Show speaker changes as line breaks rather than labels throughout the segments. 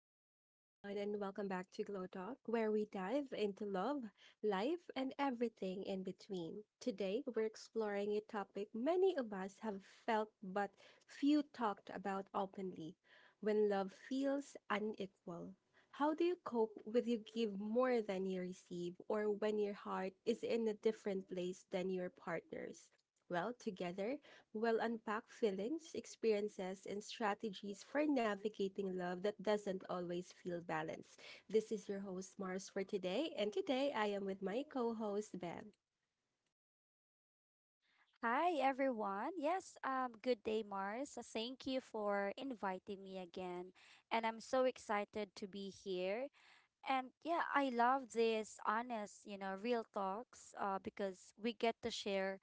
Hello, everyone, and welcome back to Glow Talk, where we dive into love, life, and everything in between. Today, we're exploring a topic many of us have felt but few talked about openly when love feels unequal. How do you cope with you give more than you receive, or when your heart is in a different place than your partner's? Well, together, we'll unpack feelings, experiences, and strategies for navigating love that doesn't always feel balanced. This is your host, Mars, for today, and today I am with my co host, Ben.
Hi, everyone. Yes, good day, Mars. Thank you for inviting me again. And I'm so excited to be here. And yeah, I love this honest, real talks because we get to share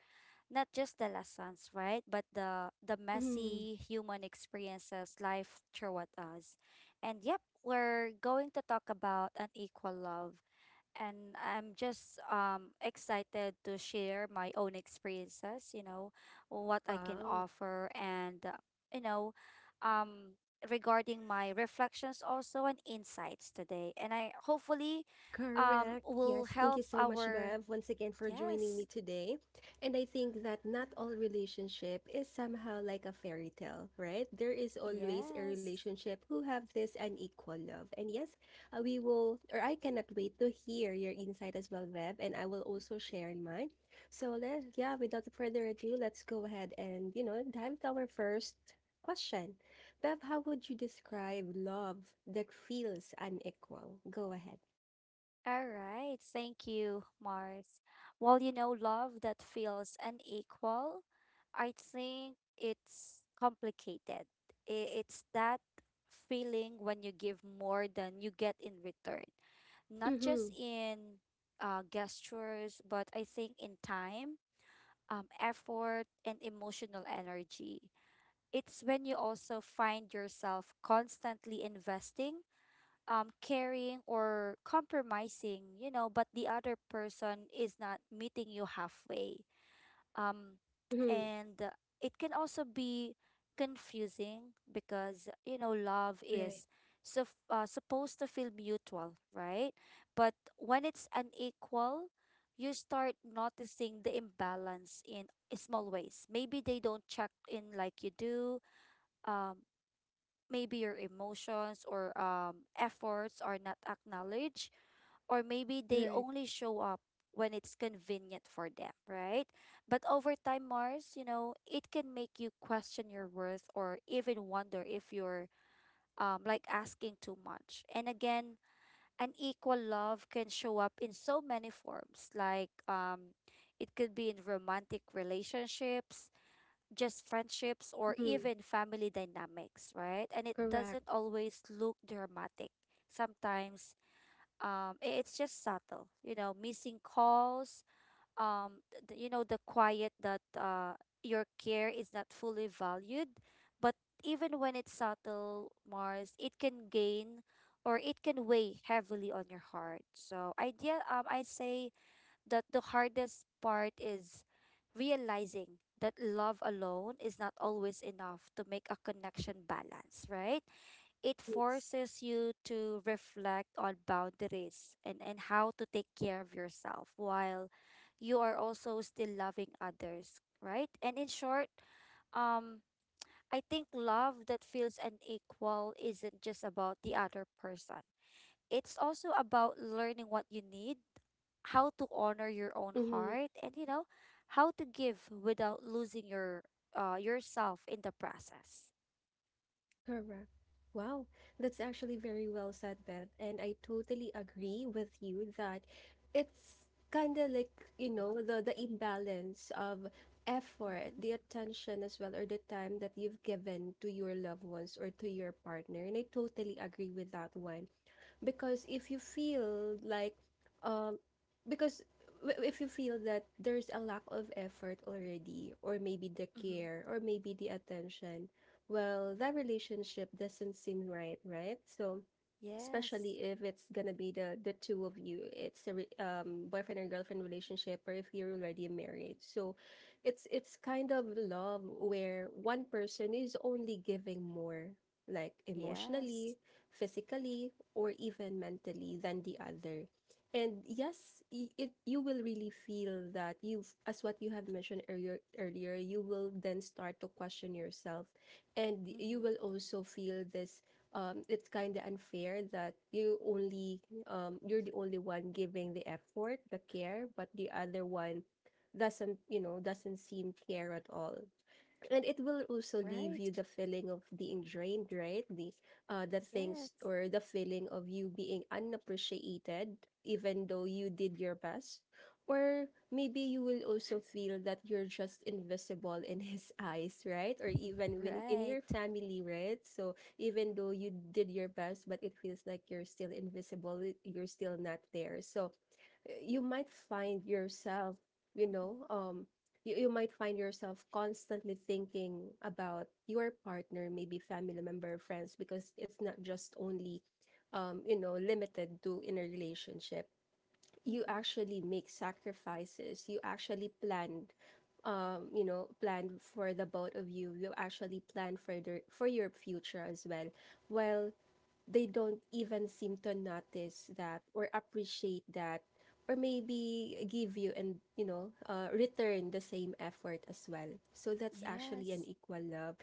not just the lessons, right? But the
Mhm.
messy human experiences life throw at us. And yep, we're going to talk about unequal love, and I'm just excited to share my own experiences, what I can
Wow.
offer, and you know, um regarding my reflections also and insights today. And I hopefully
Correct.
will
Yes. Thank
help
you so much,
our
Bev, once again for joining me
yes,
today. And I think that not all relationship is somehow like a fairy tale, right? There is always a
yes.
relationship who have this unequal love. And yes, we will, or I cannot wait to hear your insight as well, Bev, and I will also share mine. So yeah, without further ado, let's go ahead and, you know, dive to our first question. Bev, how would you describe love that feels unequal? Go ahead.
All right. Thank you, Mars. Well, you know, love that feels unequal, I think it's complicated. It's that feeling when you give more than you get in return, not just
Mhm,
in gestures, but I think in time, effort, and emotional energy. It's when you also find yourself constantly investing, caring, or compromising, you know, but the other person is not meeting you halfway. Um
mhm.
and It can also be confusing because, you know, love
Right,
is so supposed to feel mutual, right? But when it's unequal, you start noticing the imbalance in small ways. Maybe they don't check in like you do. um Maybe your emotions or efforts are not acknowledged, or maybe they
right.
only show up when it's convenient for them, right? But over time, Mars, you know, it can make you question your worth or even wonder if you're like asking too much. And again, an equal love can show up in so many forms, like, it could be in romantic relationships, just friendships, or even family dynamics, right? And it doesn't always look dramatic. Sometimes it's just subtle, you know, missing calls, you know, the quiet that your care is not fully valued. But even when it's subtle, Mars, it can gain, or it can weigh heavily on your heart. So, idea, I'd say that the hardest part is realizing that love alone is not always enough to make a connection balance, right? It
Yes.
forces you to reflect on boundaries and, how to take care of yourself while you are also still loving others, right? And in short, um, I think love that feels unequal isn't just about the other person, it's also about learning what you need, how to honor your own
Mhm.
heart, and you know, how to give without losing your yourself in the process.
Correct. Wow, that's actually very well said, Beth. And I totally agree with you that it's kind of like, you know, the imbalance of effort,
Mm-hmm.
the attention as well, or the time that you've given to your loved ones or to your partner. And I totally agree with that one. Because if you feel like, um because if you feel that there's a lack of effort already, or maybe the
Mm-hmm.
care or maybe the attention, well, that relationship doesn't seem right, right? So,
Yes.
especially if it's gonna be the two of you, it's a boyfriend and girlfriend relationship, or if you're already married. So it's kind of love where one person is only giving more, like
Yes.
emotionally, physically, or even mentally than the other. And yes, it, you will really feel that you've, as what you have mentioned earlier, you will then start to question yourself. And you will
Mm-hmm.
also feel this, it's kind of unfair that you only, you're the only one giving the effort, the care, but the other one doesn't, you know, doesn't seem care at all. And it will also leave
Right.
you the feeling of being drained, right? The things,
Yes.
or the feeling of you being unappreciated, even though you did your best. Or maybe you will also feel that you're just invisible in his eyes, right? Or even when in your
Right.
family, right? So, even though you did your best, but it feels like you're still invisible, you're still not there. So you might find yourself, you
Mm-hmm.
know, you might find yourself constantly thinking about your partner, maybe family member, friends, because it's not just only, limited to in a relationship. You
Mm-hmm.
actually make sacrifices. You actually plan for the both of you. You actually plan for your future as well. While they don't even seem to notice that or appreciate that, or maybe give you and you know, return the same effort as well. So that's actually an
Yes.
equal love.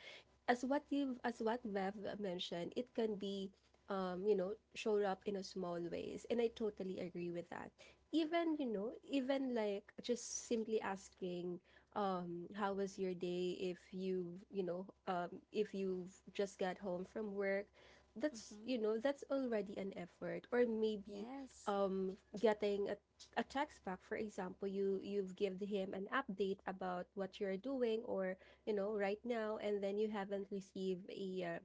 As what Bev mentioned, it can be, showed up in a small ways. And I totally agree with that. Even, you know, even like just simply asking, how was your day, if you've just got home from work. That's,
Mm-hmm.
you know, that's already an effort. Or maybe
Yes.
um getting a text back. For example, you've given him an update about what you're doing, or right now, and then you haven't received a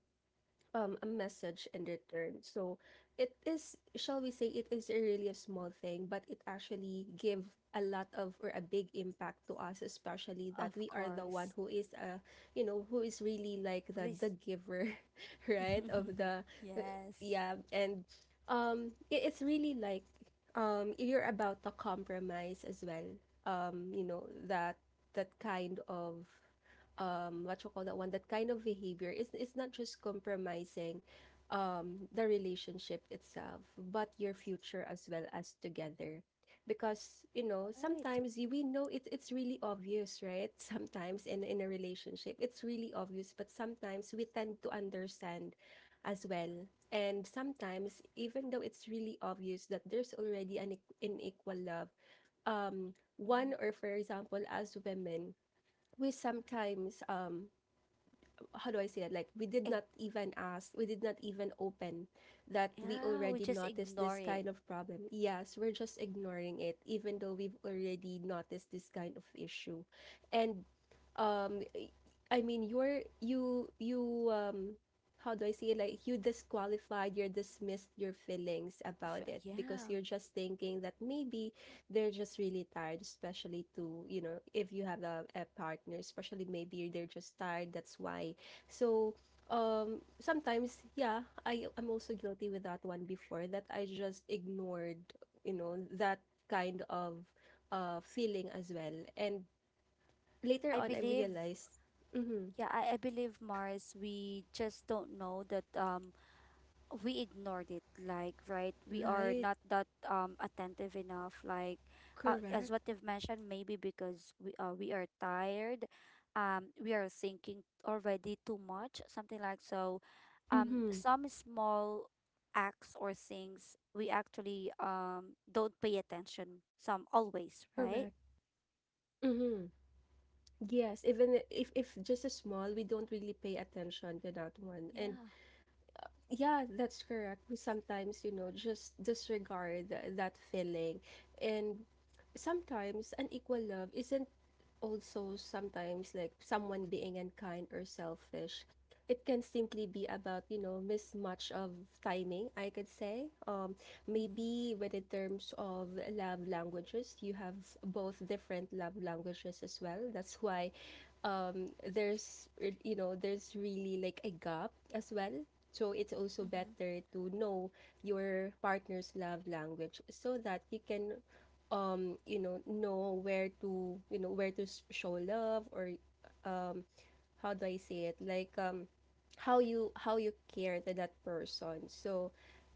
uh, um a message in return. So it is, shall we say, it is a really a small thing, but it actually give a lot of or a big impact to us, especially that
Of
we are the one
course.
who is really like the
Res-
giver, right? Of the uh,
yes.
yeah, and it's really like, you're about to compromise as well. You know that that kind of, what you call that one, that kind of behavior is, it's not just compromising the relationship itself, but your future as well, as together. Because you know
Right.
sometimes, we know it's really obvious, right? Sometimes in a relationship it's really obvious, but sometimes we tend to understand as well. And sometimes, even though it's really obvious that there's already an unequal love,
Mm-hmm.
one, or for example as women, we sometimes, how do I say it? Like, we did
Ig-
not even ask, we did not even open that we
yeah, we
already
just
noticed
ignore
this
it.
kind of problem. Yes, we're just ignoring it, even though we've already noticed this kind of issue. And um I mean, you, how do I say it? Like, you disqualified, you dismissed your feelings about it, because
Yeah.
you're just thinking that maybe they're just really tired, especially to, you know, if you have a partner, especially maybe they're just tired. That's why. So, sometimes, yeah, I'm also guilty with that one before, that I just ignored, you know, that kind of feeling as well. And later
I
on, I
believe
realized, mm-hmm,
yeah, I believe, Mars, we just don't know that we ignored it, like, right, we are
right,
not that attentive enough, like as
correct,
what you've mentioned, maybe because we are tired, we are thinking already too much, something like so
mm-hmm,
some small acts or things we actually don't pay attention, some always right.
correct, mm-hmm. Yes, even if just a small, we don't really pay attention to that one. And
Yeah.
yeah, that's correct. We sometimes, just disregard that feeling. And sometimes unequal love isn't also sometimes like someone being unkind or selfish. It can simply be about, mismatch of timing, I could say.
Mm-hmm.
Maybe when in terms of love languages, you have both different love languages as well. That's why there's you know there's really like a gap as well. So it's also
Mm-hmm.
better to know your partner's love language so that you can, you know where to, show love, or um how do I say it, like, how you care to that person. So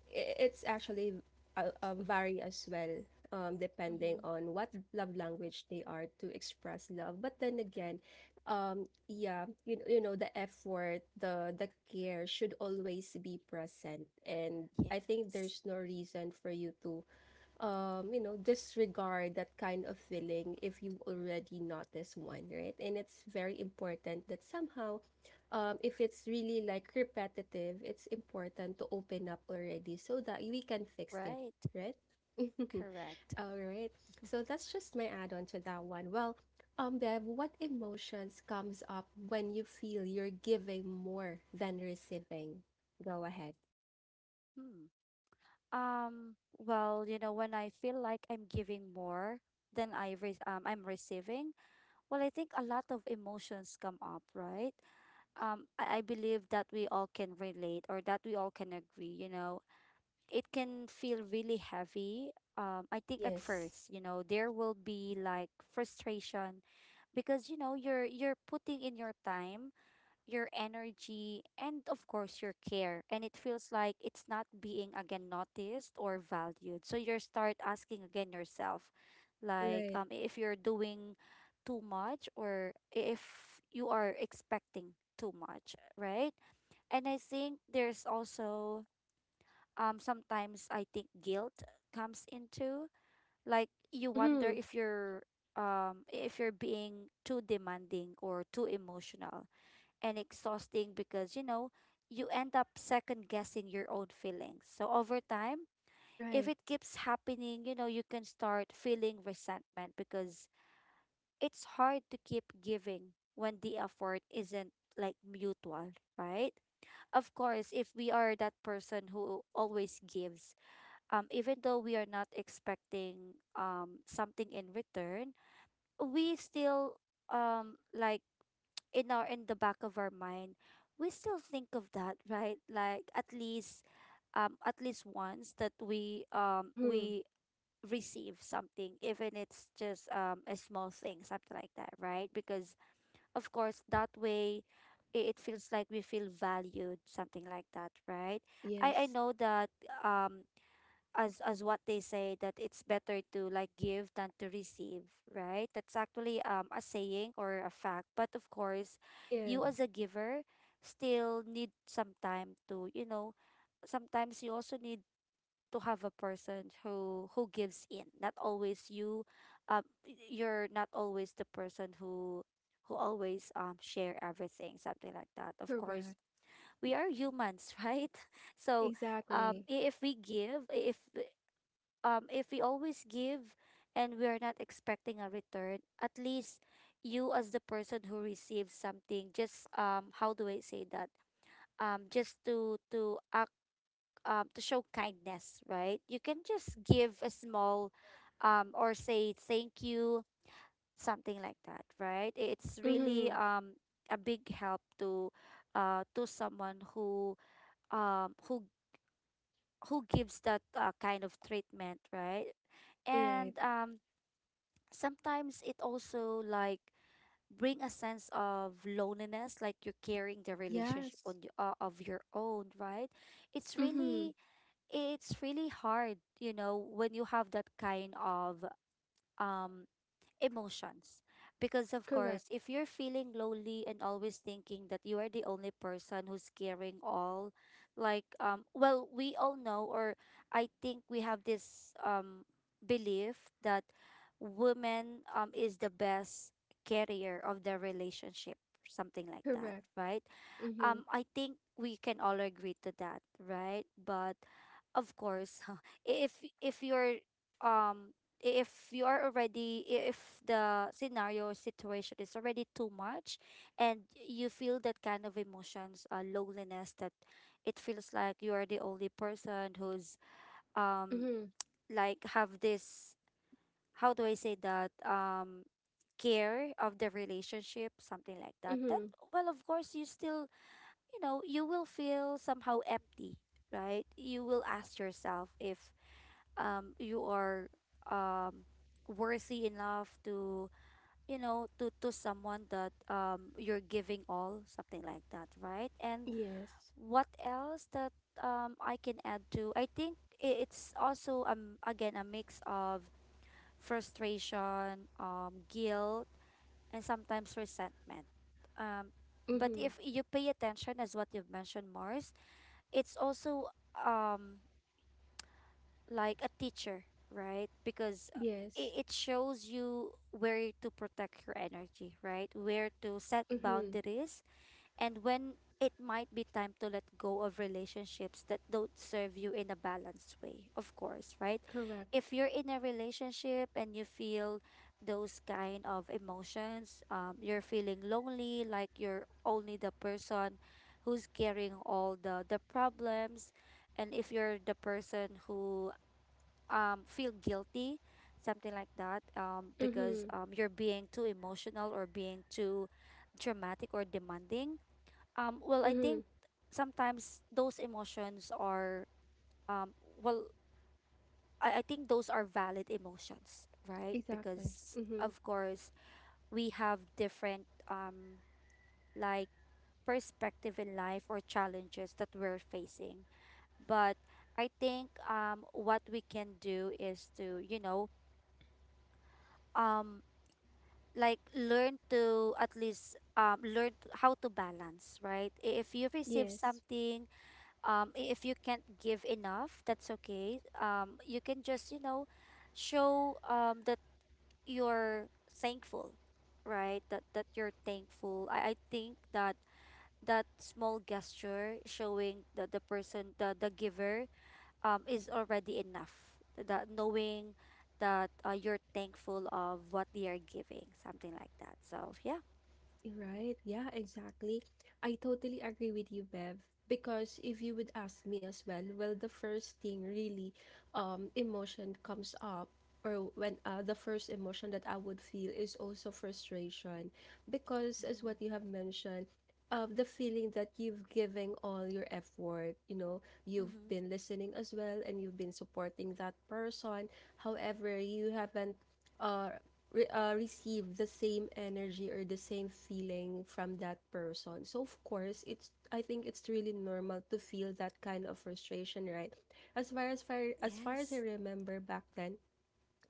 it's actually, vary as well, depending
Mm-hmm.
on what love language they are to express love. But then again, yeah, the effort, the care should always be present. And I think
Yes.
there's no reason for you to, disregard that kind of feeling if you already notice one, right? And it's very important that somehow, if it's really like repetitive, it's important to open up already so that we can fix it,
Right,
right?
correct.
All right. So that's just my add-on to that one. Well, Bev, what emotions comes up when you feel you're giving more than receiving? Go ahead.
Hmm. Um, well, you know, when I feel like I'm giving more than I'm receiving, well, I think a lot of emotions come up, right? I believe that we all can relate or that we all can agree, you know. It can feel really heavy. I think at
Yes.
first, you know, there will be like frustration because, you know, you're putting in your time, your energy, and of course your care. And it feels like it's not being again noticed or valued. So you start asking again yourself, like,
Right.
if you're doing too much or if you are expecting too much, right? And I think there's also sometimes I think guilt comes into, like, you wonder
Mm-hmm.
if you're being too demanding or too emotional and exhausting because, you know, you end up second guessing your own feelings. So over time, if
Right.
it keeps happening, you know, you can start feeling resentment because it's hard to keep giving when the effort isn't like mutual, right? Of course, if we are that person who always gives, even though we are not expecting something in return, we still like in our in the back of our mind, we still think of that, right? Like at least once that we um
Mm-hmm.
we receive something, even it's just a small thing, something like that, right? Because of course that way it feels like we feel valued, something like that, right? I
Yes.
know that um as what they say, that it's better to like give than to receive, right? That's actually a saying or a fact, but of course
Yeah,
you as a giver still need some time to, you know, sometimes you also need to have a person who gives in, not always you, you're not always the person who always share everything, something like that, of course.
correct.
We are humans right. So
Exactly.
if we give if if we always give and we are not expecting a return, at least you, as the person who receives something, just, how do I say that? Just to act to show kindness, right? You can just give a small, or say thank you, something like that, right? It's really
Mm-hmm.
a big help to someone who um who who gives that kind of treatment, right?
Right.
And sometimes it also like bring a sense of loneliness, like you're carrying the relationship on
Yes.
of your own, right? It's
Mm-hmm.
really, it's really hard, you know, when you have that kind of um emotions. Because, of
Correct.
course, if you're feeling lonely and always thinking that you are the only person who's carrying all, like, well, we all know, or I think we have this belief that woman is the best carrier of the relationship, something like that,
Correct.
right?
Mm-hmm.
I think we can all agree to that, right? But of course, if you're um if you are already if the scenario or situation is already too much and you feel that kind of emotions, loneliness, that it feels like you are the only person who's um
Mm-hmm.
like have this how do I say that, care of the relationship, something like that. Then
Mm-hmm.
well, of course you still, you know, you will feel somehow empty, right? You will ask yourself if you are um worthy enough to, you know, to someone that you're giving all, something like that, right? And
Yes.
what else that I can add to? I think it's also again a mix of frustration, guilt, and sometimes resentment. Um but
Mm-hmm.
if you pay attention, as what you've mentioned, Mars, it's also um like a teacher, right? Because
Yes.
it, shows you where to protect your energy, right? Where to set
Mm-hmm.
boundaries, and when it might be time to let go of relationships that don't serve you in a balanced way, of course, right?
Correct.
If you're in a relationship and you feel those kind of emotions, you're feeling lonely, like you're only the person who's carrying all the, problems. And if you're the person who feel guilty, something like that, because
Mm-hmm.
you're being too emotional or being too dramatic or demanding, well, I
Mm-hmm.
think sometimes those emotions are, um, well, I think those are valid emotions, right?
Exactly.
Because,
Mm-hmm.
of course, we have different, like, perspective in life or challenges that we're facing. But I think what we can do is to, you know, um, like learn to at least learn how to balance, right? I- If you receive
Yes.
something, if you can't give enough, that's okay. You can just, you know, show that you're thankful, right? That that you're thankful. I think that that small gesture, showing the person, the giver, is already enough. That knowing that you're thankful of what they are giving, something like that, so yeah.
Right. Yeah, exactly. I totally agree with you, Bev. Because if you would ask me as well, well, the first thing really, emotion comes up, or when, the first emotion that I would feel is also frustration, because as
Mm.
what you have mentioned, the feeling that you've given all your effort, you know, you've
Mm-hmm.
been listening as well, and you've been supporting that person. However, you haven't. Uh, receive the same energy or the same feeling from that person. So of course, it's I think it's really normal to feel that kind of frustration, right? As far as I
Yes.
remember back then,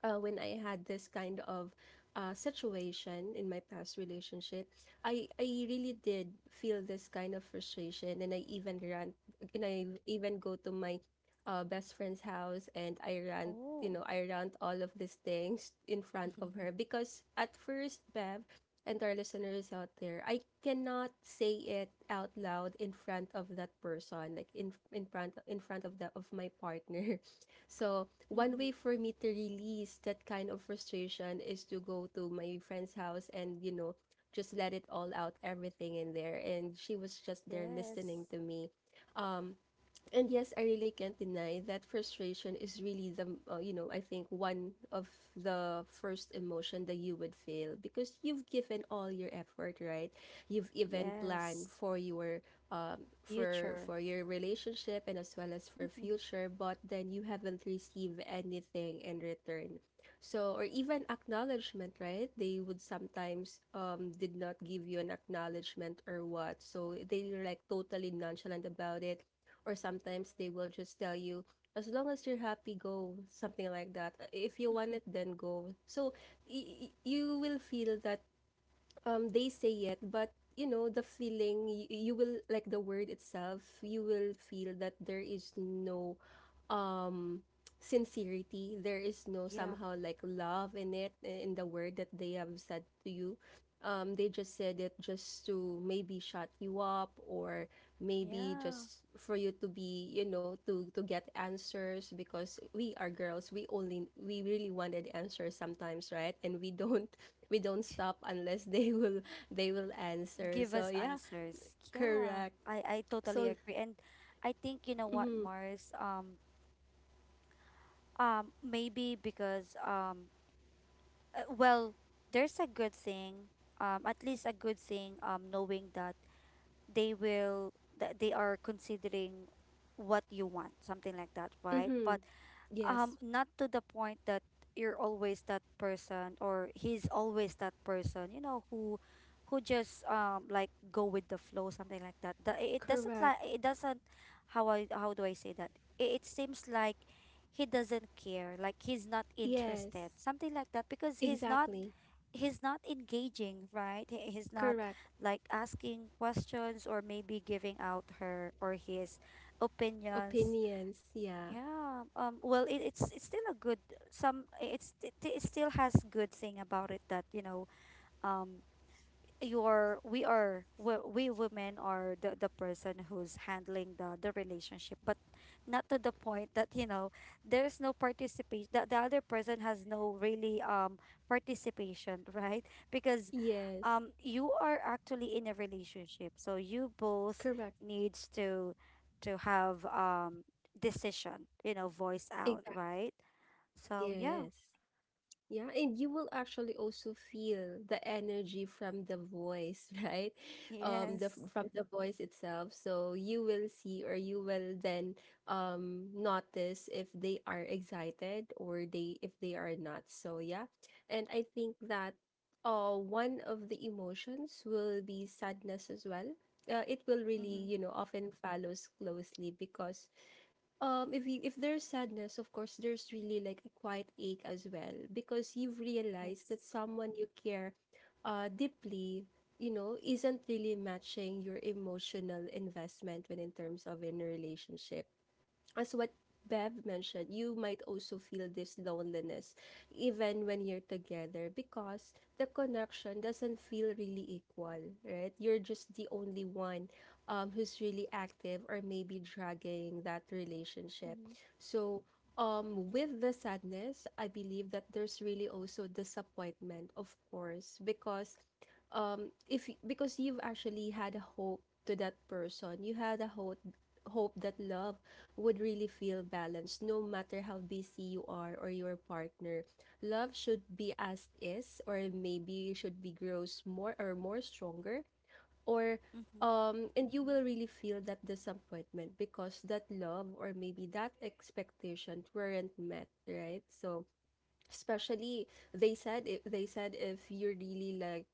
when I had this kind of situation in my past relationship, I really did feel this kind of frustration, and I even ran, and I even go to my best friend's house, and I ran, you
Oh.
know, I ran all of these things in front of her. Because at first, Bev. And our listeners out there, I cannot say it out loud in front of that person, like in front of my partner. So, one
Mm-hmm.
way for me to release that kind of frustration is to go to my friend's house and, you know, just let it all out, everything in there. And she was just there
Yes.
listening to me. Um, and yes, I really can't deny that frustration is really I think one of the first emotion that you would feel, because you've given all your effort, right? You've even planned
Yes. Future.
for your relationship and as well as for future, but then you haven't received anything in return. So or even acknowledgement, right? They would sometimes did not give you an acknowledgement or what. So they were like totally nonchalant about it or sometimes they will just tell you as long as you're happy go something like that if you want it then go so you will feel that they say it but you know the feeling you will like the word itself you will feel that there is no um sincerity, there is no
Yep.
somehow like love in it in the word that they have said to you. They just said it just to maybe shut you up or maybe
Yeah.
just for you to be, you know, to get answers because we are girls, we really wanted answers sometimes, right? And we don't we don't stop unless they will answer.
Give
So
us
yeah.
answers. Yeah.
Correct.
I totally
So
agree. And I think you know what,
mm-hmm,
Mars, maybe because well, there's a good thing, at least a good thing knowing that they will that they are considering what you want, something like that, right?
mm-hmm,
But
yes,
not to the point that you're always that person or he's always that person, you know, who just go with the flow, something like that. The, it doesn't like
correct,
it doesn't How I how do I say that? It seems like he doesn't care, like he's not
yes.
interested, something like that, because
Exactly.
he's not engaging, right? He's not
Correct.
like asking questions or maybe giving out her or his opinions.
Opinions. Yeah.
Yeah. Well, it's still a good some. I- It's it, it still has good thing about it, that you know. Um your we are we women are the person who's handling the relationship, but not to the point that, you know, there's no participation, that the other person has no really participation right? Because
Yes.
you are actually in a relationship, so you both
Correct.
needs to have decision, you know, voice out,
Exactly.
right? So yeah.
Yes. Yeah, and you will actually also feel the energy from the voice, right? The
Yes.
from the voice itself. So you will see or you will then notice if they are excited or they if they are not. So yeah. And I think that one of the emotions will be sadness as well. It will really,
Mm-hmm.
you know, often follows closely because if if there's sadness, of course there's really like a quiet ache as well, because you've realized that
Yes.
someone you care deeply, you know, isn't really matching your emotional investment when in terms of in a relationship. As what Bev mentioned, you might also feel this loneliness even when you're together because the connection doesn't feel really equal, right? You're just the only one, who's really active or maybe dragging that relationship.
Mm-hmm.
So, with the sadness, I believe that there's really also disappointment, of course, because if because you've actually had a hope to that person. You had a hope that love would really feel balanced no matter how busy you are or your partner. Love should be as is or maybe should be grows more or more stronger, or
Mm-hmm.
and you will really feel that disappointment because that love or maybe that expectation weren't met, right? So especially they said, if they said, if you really like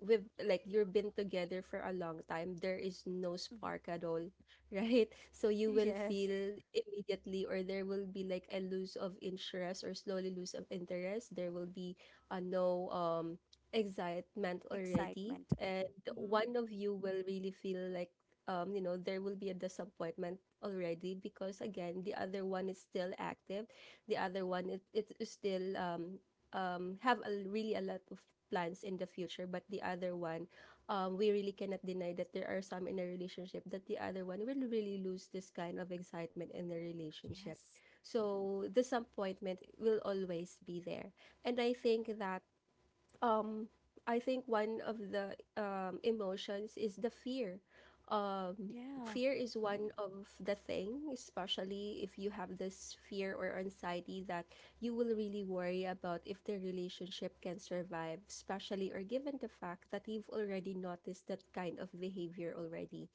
with like you've been together for a long time, there is no spark at all, right? So you will
Yes.
feel immediately, or there will be like a lose of interest or slowly lose of interest. There will be a no, excitement already.
Excitement.
And
Mm-hmm.
one of you will really feel like, you know, there will be a disappointment already, because again, the other one is still active. The other one, it is still have a, really a lot of plans in the future, but the other one, we really cannot deny that there are some in a relationship that the other one will really lose this kind of excitement in the relationship.
Yes.
So disappointment will always be there. And I think that, um I think one of the emotions is the fear. Um,
Yeah.
fear is one of the thing, especially if you have this fear or anxiety that you will really worry about if the relationship can survive, especially or given the fact that you've already noticed that kind of behavior already.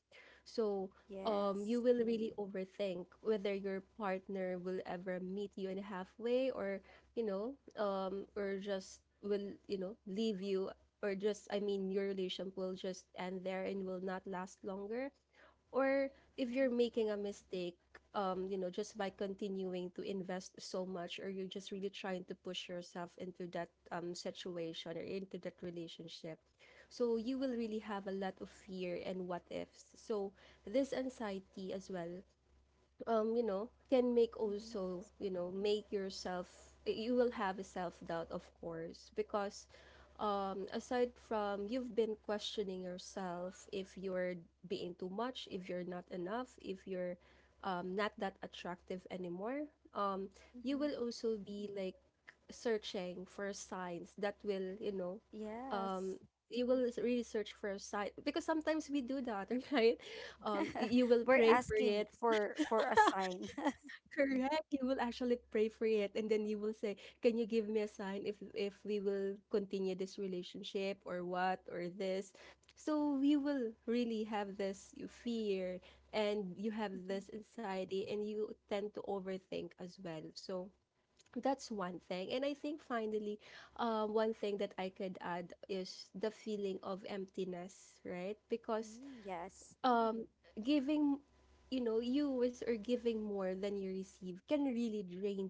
So,
Yes.
you will really overthink whether your partner will ever meet you in halfway or, you know, or just will, you know, leave you, or just, I mean, your relationship will just end there and will not last longer, or if you're
Mm-hmm.
making a mistake, you know, just by continuing to invest so much, or you're just really trying to push yourself into that situation or into that relationship. So you will really have a lot of fear and what ifs. So this anxiety as well, you know, can make
Mm-hmm.
also, you know, make yourself, you will have a self doubt, of course, because, aside from you've been questioning yourself if you're being too much, if you're not enough, if you're, not that attractive anymore, you
Mm-hmm.
will also be like searching for signs that will, you know,
Yes.
you will really search for a sign because sometimes we do that, right? You will
We're
pray for
asking
it.
for a sign.
Correct, you will actually pray for it, and then you will say, "Can you give me a sign if we will continue this relationship or what or this?" So you will really have this fear, and you have
Mm-hmm.
this anxiety, and you tend to overthink as well. So that's one thing, and I think finally, one thing that I could add is the feeling of emptiness, right? Because,
Mm, yes.
um giving, you know, you is or giving more than you receive can really drain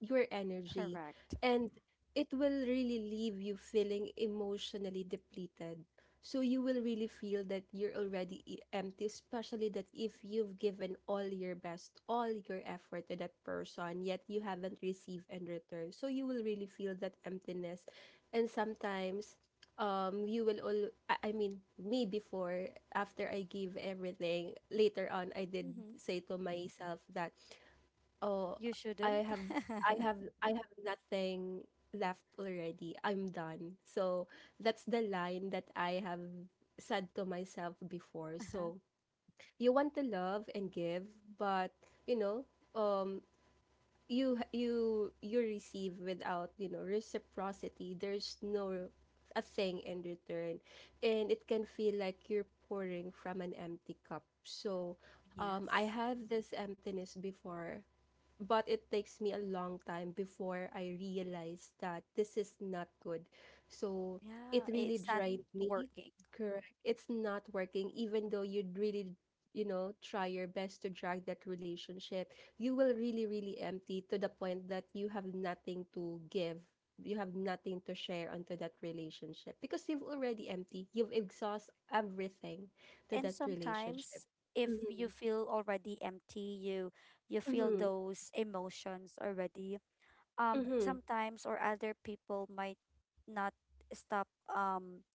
your energy,
Correct.
and it will really leave you feeling emotionally depleted. So you will really feel that you're already empty, especially that if you've given all your best, all your effort to that person, yet you haven't received in return. So you will really feel that emptiness. And sometimes, you will all I mean me before, after I give everything later on I did
Mm-hmm.
say to myself that, Oh,
You
I
shouldn't.
have,
Uh-huh.
I have nothing left already. I'm done. So that's the line that I have said to myself before. So you want to love and give, but you know, um, you receive without, you know, reciprocity. There's no a thing in return. And it can feel like you're pouring from an empty cup. So, I
Yes.
have this emptiness before, but it takes me a long time before I realize that this is not good. So it
Yeah.
really
It's not
drained me.
working.
Correct. It's not working, even though you'd really, you know, try your best to drag that relationship. You will really, really empty to the point that you have nothing to give. You have nothing to share onto that relationship because you've already empty. You've exhausted everything to
And
that relationship.
sometimes, if you
Mm-hmm.
feel already empty, you feel
Mm-hmm.
those emotions already,
Mm-hmm.
sometimes, or other people might not stop, um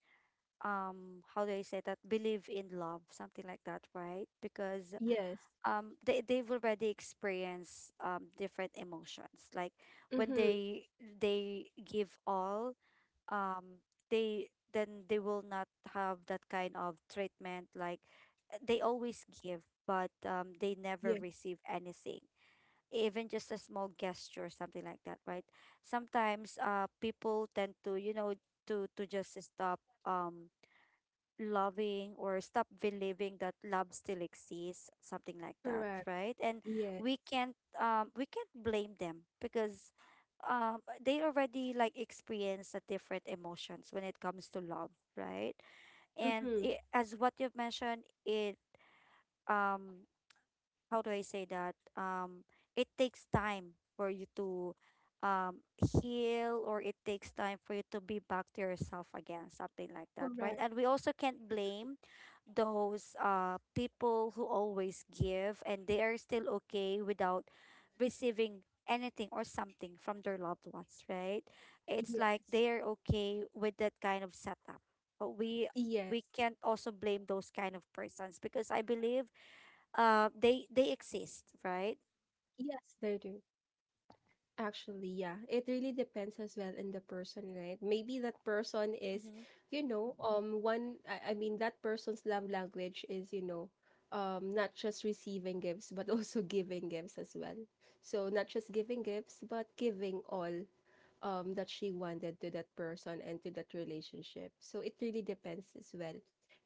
how do I say that, believe in love, something like that, right? Because
Yes.
they they've already experienced different emotions, like when
Mm-hmm.
they give all, um they then they will not have that kind of treatment, like they always give but they never
Yes,
receive anything, even just a small gesture or something like that, right? Sometimes people tend to, you know, to just stop, um loving, or stop believing that love still exists, something like that,
correct.
right? And
Yes.
we can't blame them because they already like experience the different emotions when it comes to love, right? And
Mm-hmm.
it, as what you've mentioned, it um how do I say that? It takes time for you to um heal, or it takes time for you to be back to yourself again, something like that, right?
Correct.
And we also can't blame those people who always give and they are still okay without receiving anything or something from their loved ones, right? It's like
Yes.
they are okay with that kind of setup. But we
Yes.
we can't also blame those kind of persons, because I believe they exist, right?
Yes, they do. Actually, yeah. It really depends as well in the person, right? Maybe that person is,
Mm-hmm.
you know, um, one I mean that person's love language is, you know, um, not just receiving gifts but also giving gifts as well. So not just giving gifts but giving all that she wanted to that person and to that relationship. So it really depends as well.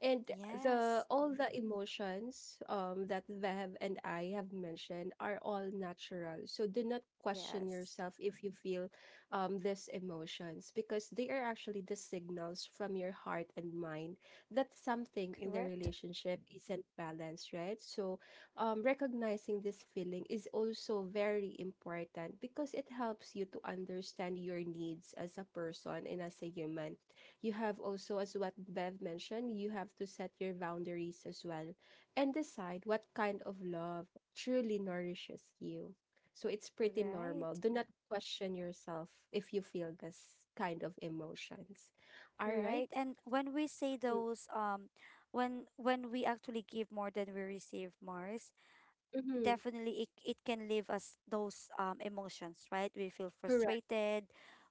And the
Yes,
all the emotions that Vev and I have mentioned are all natural, so do not question
yes,
yourself if you feel these emotions, because they are actually the signals from your heart and mind that something in the
correct,
relationship isn't balanced, right? So, recognizing this feeling is also very important because it helps you to understand your needs as a person and as a human. You have also, as what Bev mentioned, you have to set your boundaries as well and decide what kind of love truly nourishes you. So it's pretty normal.
right,
Do not question yourself if you feel this kind of emotions. All right.
right. And when we say
Mhm.
those, when we actually give more than we receive, Mars,
Mhm.
definitely it it can leave us those emotions, right? We feel
Correct.
frustrated,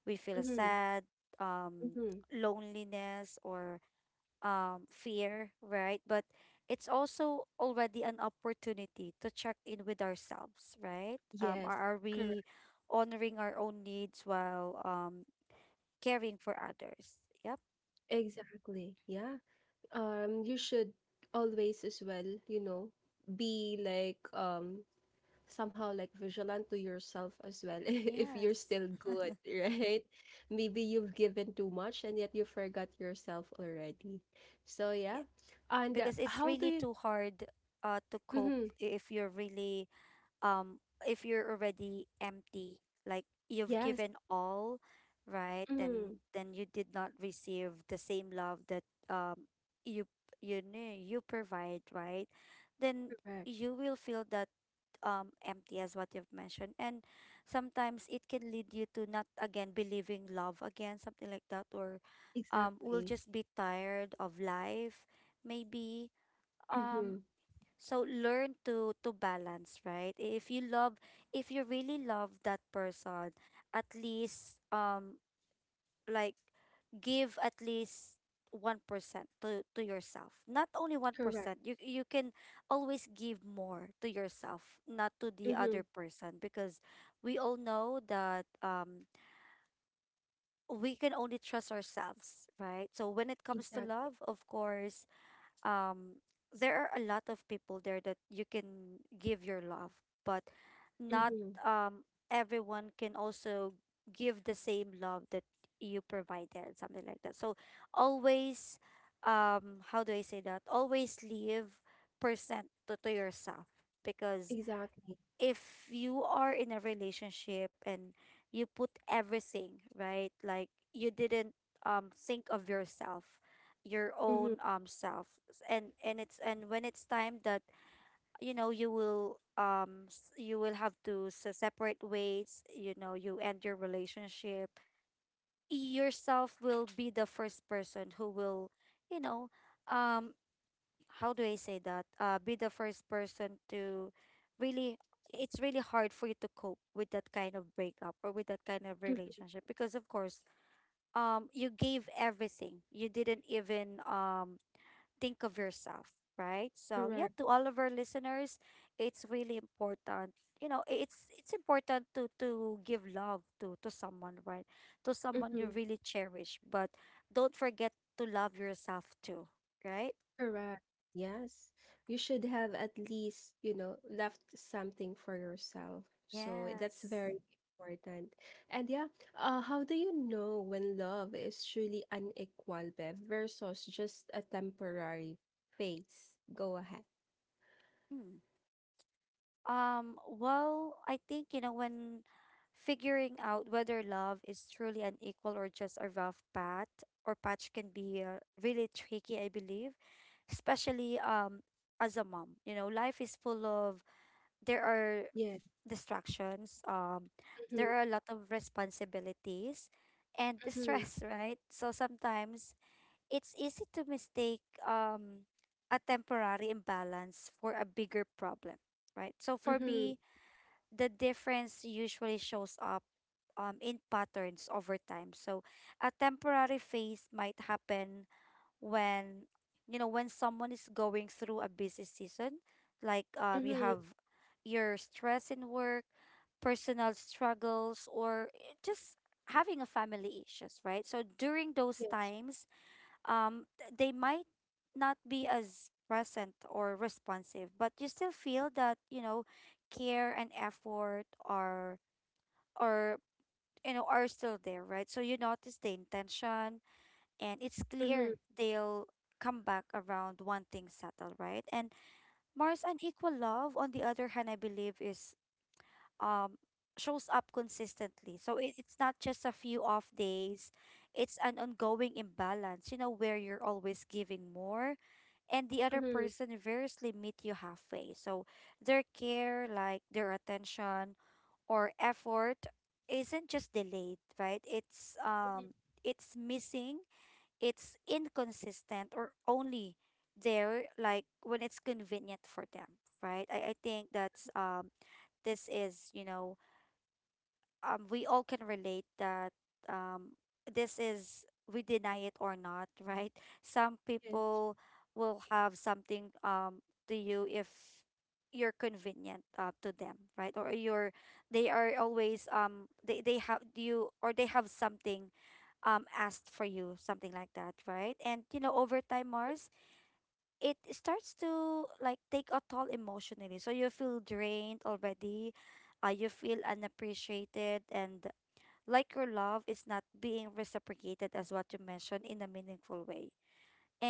we feel
Mm-hmm.
sad, um,
Mm-hmm.
loneliness, or fear, right? But it's also already an opportunity to check in with ourselves, right?
Yes.
Are we honoring our own needs while caring for others? Yep.
Exactly. Yeah. You should always as well, you know, be like, um, somehow like vigilant to yourself as well if you're
Yes.
still good, right? Maybe you've given too much and yet you forgot yourself already. So yeah. And
Because it's
how do
really
you
too hard, to cope
mm-hmm.
if you're really um if you're already empty, like you've
Yes.
given all, right,
Mm-hmm.
then you did not receive the same love that you you knew you provide, right? Then
Correct.
you will feel that empty, as what you've mentioned, and sometimes it can lead you to not again believing love again, something like that, or will
Exactly.
just be tired of life, maybe,
Mm-hmm.
um so learn to balance, right? If you really love that person, at least like give at least 1% to yourself. Not only
Correct.
1%, you can always give more to yourself, not to the
Mm-hmm.
other person, because we all know that we can only trust ourselves, right? So when it comes to
Exactly.
love, of course, um there are a lot of people there that you can give your love, but not
Mm-hmm.
um everyone can also give the same love that you provided, something like that. So always how do I say that always leave percent to yourself, because
Exactly.
if you are in a relationship and you put everything, right, like you didn't think of yourself, your
Mm-hmm.
own self, and it's, and when it's time that, you know, you will you will have to separate ways, you know, you end your relationship, yourself will be the first person who will, you know, um how do I say that? Be the first person to really, it's really hard for you to cope with that kind of breakup or with that kind of
Mm-hmm,
relationship because, of course, you gave everything. You didn't even think of yourself, right? So, yeah,
correct.
to all of our listeners, it's really important. You know, it's important to give love to someone, right? To someone you
Mm-hmm.
really cherish, but don't forget to love yourself too, right?
Correct. Yes. You should have at least, you know, left something for yourself. So that's
Yes.
very important. And yeah, how do you know when love is truly unequal, Bev, versus just a temporary phase? Go ahead.
Hmm. Well, I think, you know, when figuring out whether love is truly an equal, or just a rough path or patch, can be really tricky, I believe, especially as a mom. You know, life is full of, there are
Yeah.
distractions,
Mm-hmm,
there are a lot of responsibilities and the
mm-hmm,
stress, right? So sometimes it's easy to mistake a temporary imbalance for a bigger problem, right? So for
mm-hmm,
me, the difference usually shows up in patterns over time. So a temporary phase might happen when, you know, when someone is going through a busy season, like you
mm-hmm.
have your stress in work, personal struggles, or eh, just having a family issues, right? So during those
Yes.
times, they might not be as present or responsive, but you still feel that, you know, care and effort are you know are still there, right? So you notice the intention, and it's
Mm-hmm,
clear they'll come back around one thing settled, right? And Mars, unequal love, on the other hand, I believe is um shows up consistently, so it, it's not just a few off days, it's an ongoing imbalance, you know, where you're always giving more, and the other
mm-hmm,
person variously meet you halfway. So their care, like their attention or effort, isn't just delayed, right?
mm-hmm.
It's missing, it's inconsistent, or only there like when it's convenient for them, right? I think that's this is, you know, we all can relate that um this is, we deny it or not, right? Some
Yes.
people will have something to you if you're convenient, to them, right? Or you're, they are always they have you, or they have something asked for you, something like that, right? And you know, over time, Mars, it starts to like take a toll emotionally. So you feel drained already, you feel unappreciated, and like your love is not being reciprocated, as what you mentioned, in a meaningful way.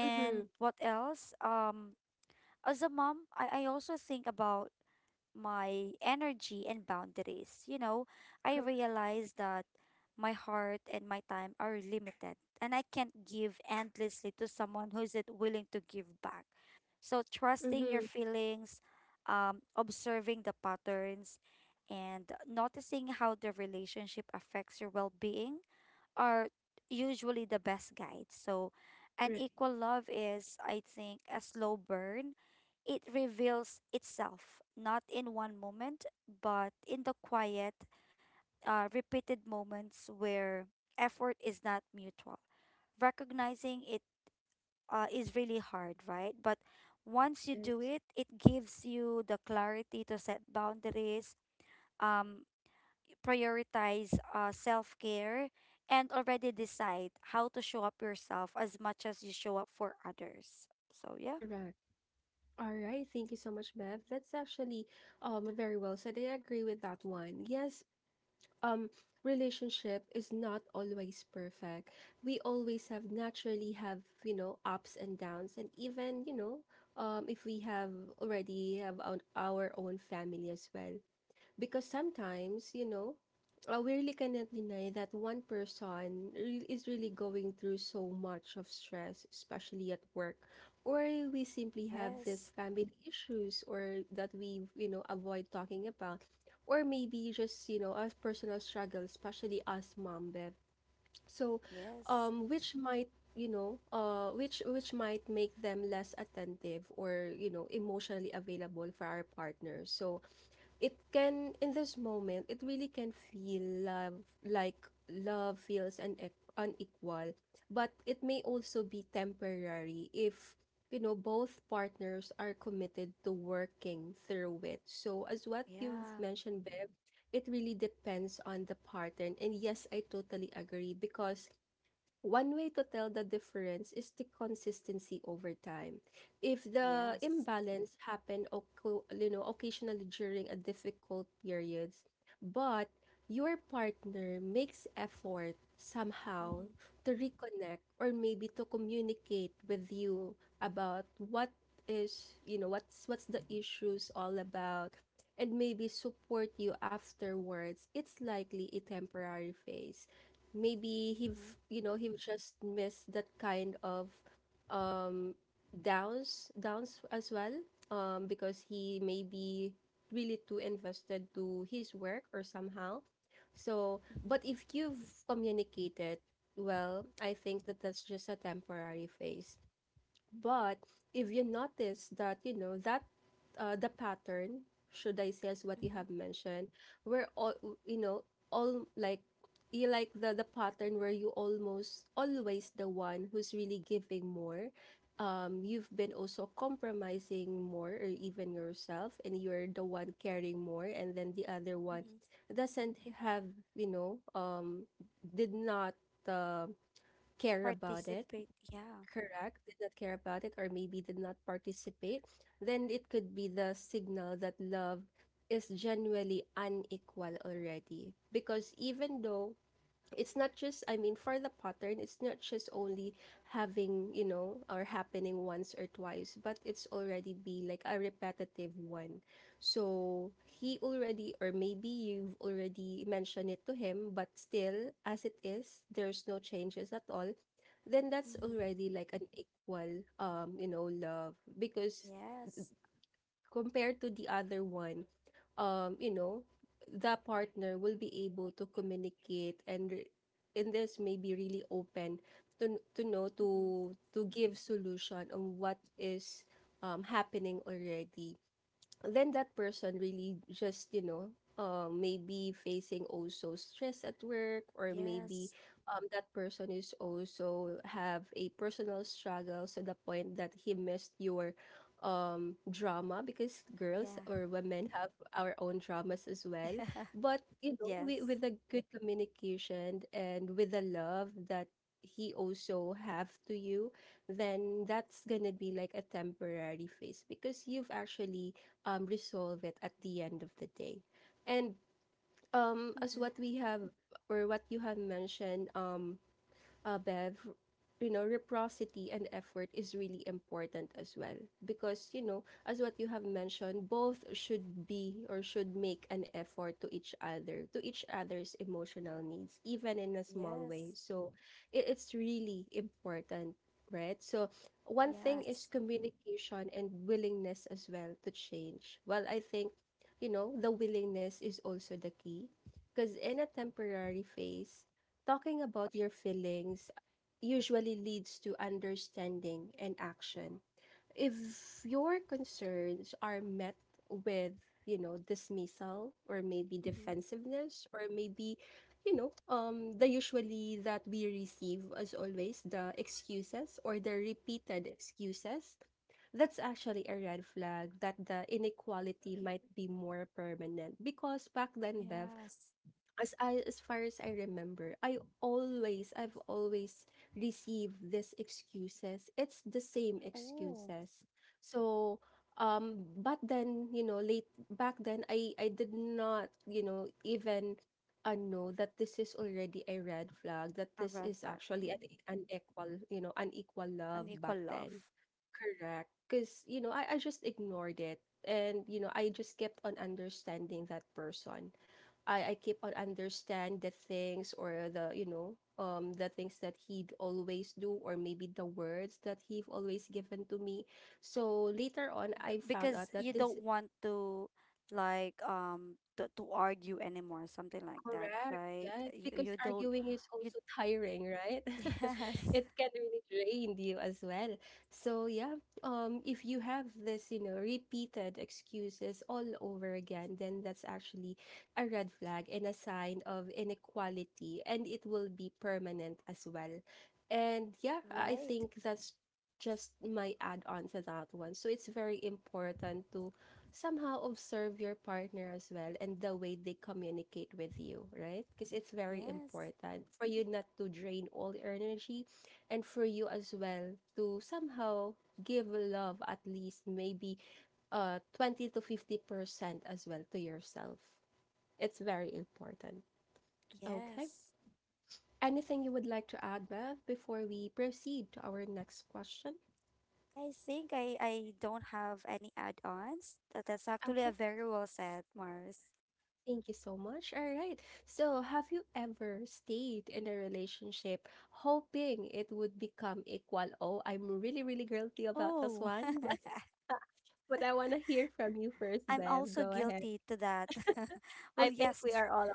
Mm-hmm.
what else? As a mom, I also think about my energy and boundaries. You know, I
Correct.
realize that my heart and my time are limited, and I can't give endlessly to someone who isn't willing to give back. So trusting your
Mm-hmm.
feelings, observing the patterns, and noticing how the relationship affects your well-being are usually the best guides. So, an
Right.
equal love is, I think, a slow burn. It reveals itself not in one moment, but in the quiet, repeated moments where effort is not mutual. Recognizing it, is really hard, right? But once you do
Yes.
it, it gives you the clarity to set boundaries. Um, prioritize self care, and already decide how to show up yourself as much as you show up for others. So, yeah.
Correct. All right, thank you so much, Bev. That's actually, um, very well said. I agree with that one. Yes, um, relationship is not always perfect. We always have naturally have, you know, ups and downs and even, you know, um, if we have already have our own family as well. Because sometimes, you know, we really cannot deny that one person is really going through so much of stress, especially at work, or we simply have this
Yes.
family issues or that we, you know, avoid talking about, or maybe just, you know, a personal struggle, especially us mom, Bev. So,
Yes.
which might, you know, which might make them less attentive or, you know, emotionally available for our partners. So it can in this moment it really can feel love like love feels unequal, but it may also be temporary if, you know, both partners are committed to working through it. So as what you've
Yeah.
mentioned, Bev, it really depends on the pattern, and yes, I totally agree because one way to tell the difference is the consistency over time. If the
Yes.
imbalance you know, occasionally during a difficult periods, but your partner makes effort somehow
Mm-hmm.
to reconnect or maybe to communicate with you about what is, you know, what's the issues all about and maybe support you afterwards, it's likely a temporary phase maybe
Mm-hmm.
he've you know he've just missed that kind of um downs as well because he may be really too invested to his work or somehow so
Mm-hmm.
but if you've communicated well I think that that's just a temporary phase but if you notice that, you know, that the pattern, should I say, as what you
Mm-hmm.
have mentioned, where all, you know, all like, you like the pattern where you almost always the one who's really giving more. You've been also compromising more or even yourself, and you're the one caring more, and then the other one
Mm-hmm.
doesn't have, you know, did not uh, care about it
Participate. Yeah.
correct, did not care about it, or maybe did not participate, then it could be the signal that love is genuinely unequal already. Because even though it's not just I mean for the pattern it's not just only having you know or happening once or twice but it's already be like a repetitive one so he already or maybe you've already mentioned it to him but still as it is there's no changes at all then that's
Mm-hmm.
already like an equal you know love because
Yes.
compared to the other one you know, the partner will be able to communicate and this may be really open to know
Mm-hmm.
to give solution on what is happening already then that person really just you know maybe facing also stress at work or maybe
Yes.
that person is also have a personal struggle to the point that he missed your drama because girls
Yeah.
or women have our own dramas as well but you know we,
Yes.
with a good communication and with the love that he also have to you then that's gonna be like a temporary phase because you've actually resolve it at the end of the day. And as
Mm-hmm.
what we have or what you have mentioned, Bev, you know, reciprocity and effort is really important as well. Because, you know, as what you have mentioned, both should be or should make an effort to each other, to each other's emotional needs, even in a small way.
Yes.
So it's really important, right? So one thing is
Yes.
communication and willingness as well to change. Well, I think, you know, the willingness is also the key. Because in a temporary phase, talking about your feelings usually leads to understanding and action. If your concerns are met with, you know, dismissal or maybe
Mm-hmm.
defensiveness or maybe, you know, the usually that we receive as always the excuses or the repeated excuses, that's actually a red flag that the inequality might be more permanent because back then, Bev,
Yes.
as I as far as I remember, I've always received these excuses. It's the same
Oh,
excuses. So but then, you know, late back then I did not, you know, even know that this is already a red flag, that
a
this
red
is
flag.
actually an
Mm.
unequal, you know, unequal love
Unequal
back
love.
then. Correct. Because, you know, I just ignored it. And, you know, I just kept on understanding that person. I keep on understand the things or the you know the things that he'd always do or maybe the words that he've always given to me so later on I found
Because
out that
you
this
don't want to like to argue anymore, something like that,
correct,
right?
yes, because
you don't
arguing is
you
also tiring, right?
Yes.
It can really drain you as well. So yeah, if you have this, you know, repeated excuses all over again, then that's actually a red flag and a sign of inequality, and it will be permanent as well. And yeah, I
Right.
think that's just my add on to that one. So it's very important to somehow observe your partner as well and the way they communicate with you, right? Because it's very
Yes.
important for you not to drain all your energy and for you as well to somehow give love at least maybe 20 to 50% as well to yourself. It's very important. Okay.
Yes.
Anything you would like to add, Bev, before we proceed to our next question?
I think I don't have any add-ons. That's actually a
Okay.
very well said, Mars.
Thank you so much. All right. So, have you ever stayed in a relationship hoping it would become equal? Oh, I'm really, really guilty about this
Oh.
one, but but I want to hear from you first,
I'm
Bev.
also
Go ahead.
guilty to that.
I
Well,
think
yes.
we are all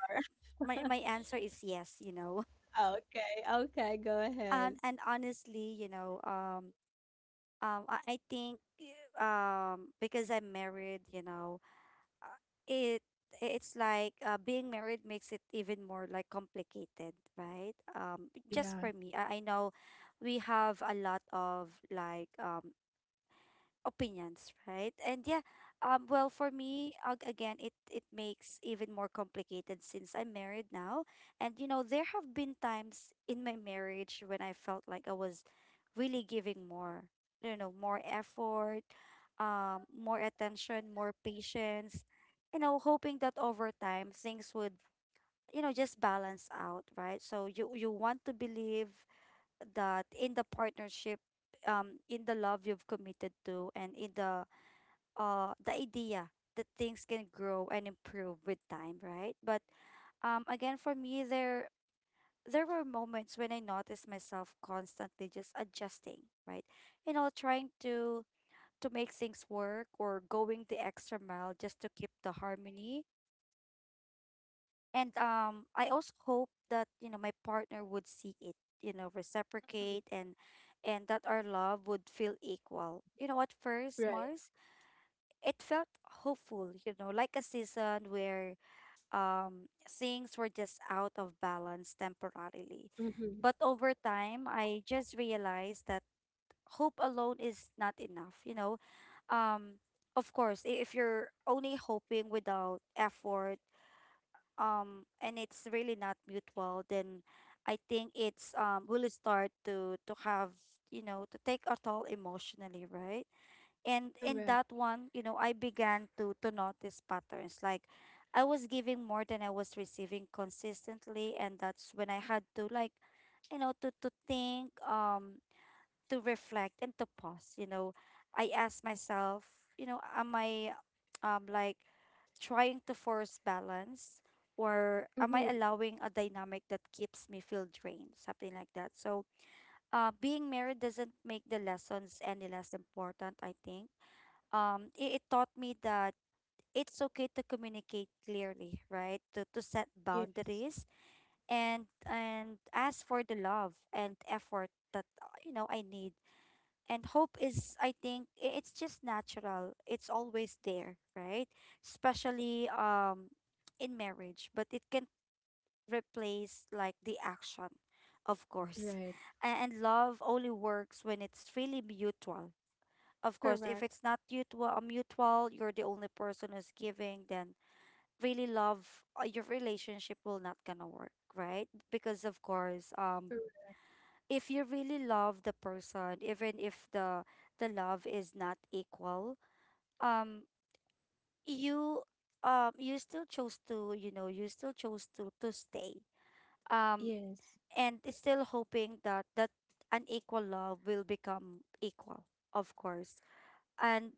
are.
My answer is yes, you know.
Okay. Okay. Go ahead.
And honestly, you know, I think because I'm married, you know, uh, it it's like being married makes it even more like complicated, right?
Oh
Just
yeah.
for me, I know we have a lot of like opinions, right? And yeah, well, for me, again, it makes even more complicated since I'm married now. And you know, there have been times in my marriage when I felt like I was really giving more, you know, more effort, more attention, more patience, you know, hoping that over time things would, you know, just balance out, right? So you want to believe that in the partnership in the love you've committed to and in the idea that things can grow and improve with time, right? But again for me there were moments when I noticed myself constantly just adjusting, right? You know, trying to make things work, or going the extra mile just to keep the harmony. And I also hope that, you know, my partner would see it, you know,
Mhm.
reciprocate and that our love would feel equal. You know, at first,
Right.
Mars, it felt hopeful, you know, like a season where things were just out of balance temporarily.
Mm-hmm.
But over time, I just realized that hope alone is not enough, you know. Um of course, if you're only hoping without effort, and it's really not mutual, then I think it's will start to have, you know, to take a toll emotionally, right? And in
Correct.
that one, you know, I began to notice patterns like I was giving more than I was receiving consistently, and that's when I had to, like, you know, to think, to reflect and to pause, you know. I asked myself, you know, am I, um like trying to force balance, or am I
Mm-hmm.
allowing a dynamic that keeps me feel drained, something like that? So being married doesn't make the lessons any less important. I think it taught me that it's okay to communicate clearly, right? To set
Yes.
boundaries and ask for the love and effort that you know, I need. And hope is, I think, it's just natural, it's always there, right? Especially in marriage, but it can replace, like, the action, of course.
Right.
And love only works when it's really mutual. Of course, if
Correct.
it's not mutual, you're the only person who's giving, then really love, your relationship will not gonna work, right? Because of course,
Correct.
if you really love the person, even if the love is not equal, um, you you still chose to, you know, you still chose to stay, um,
Yes.
and it's still hoping that unequal love will become equal, of course. And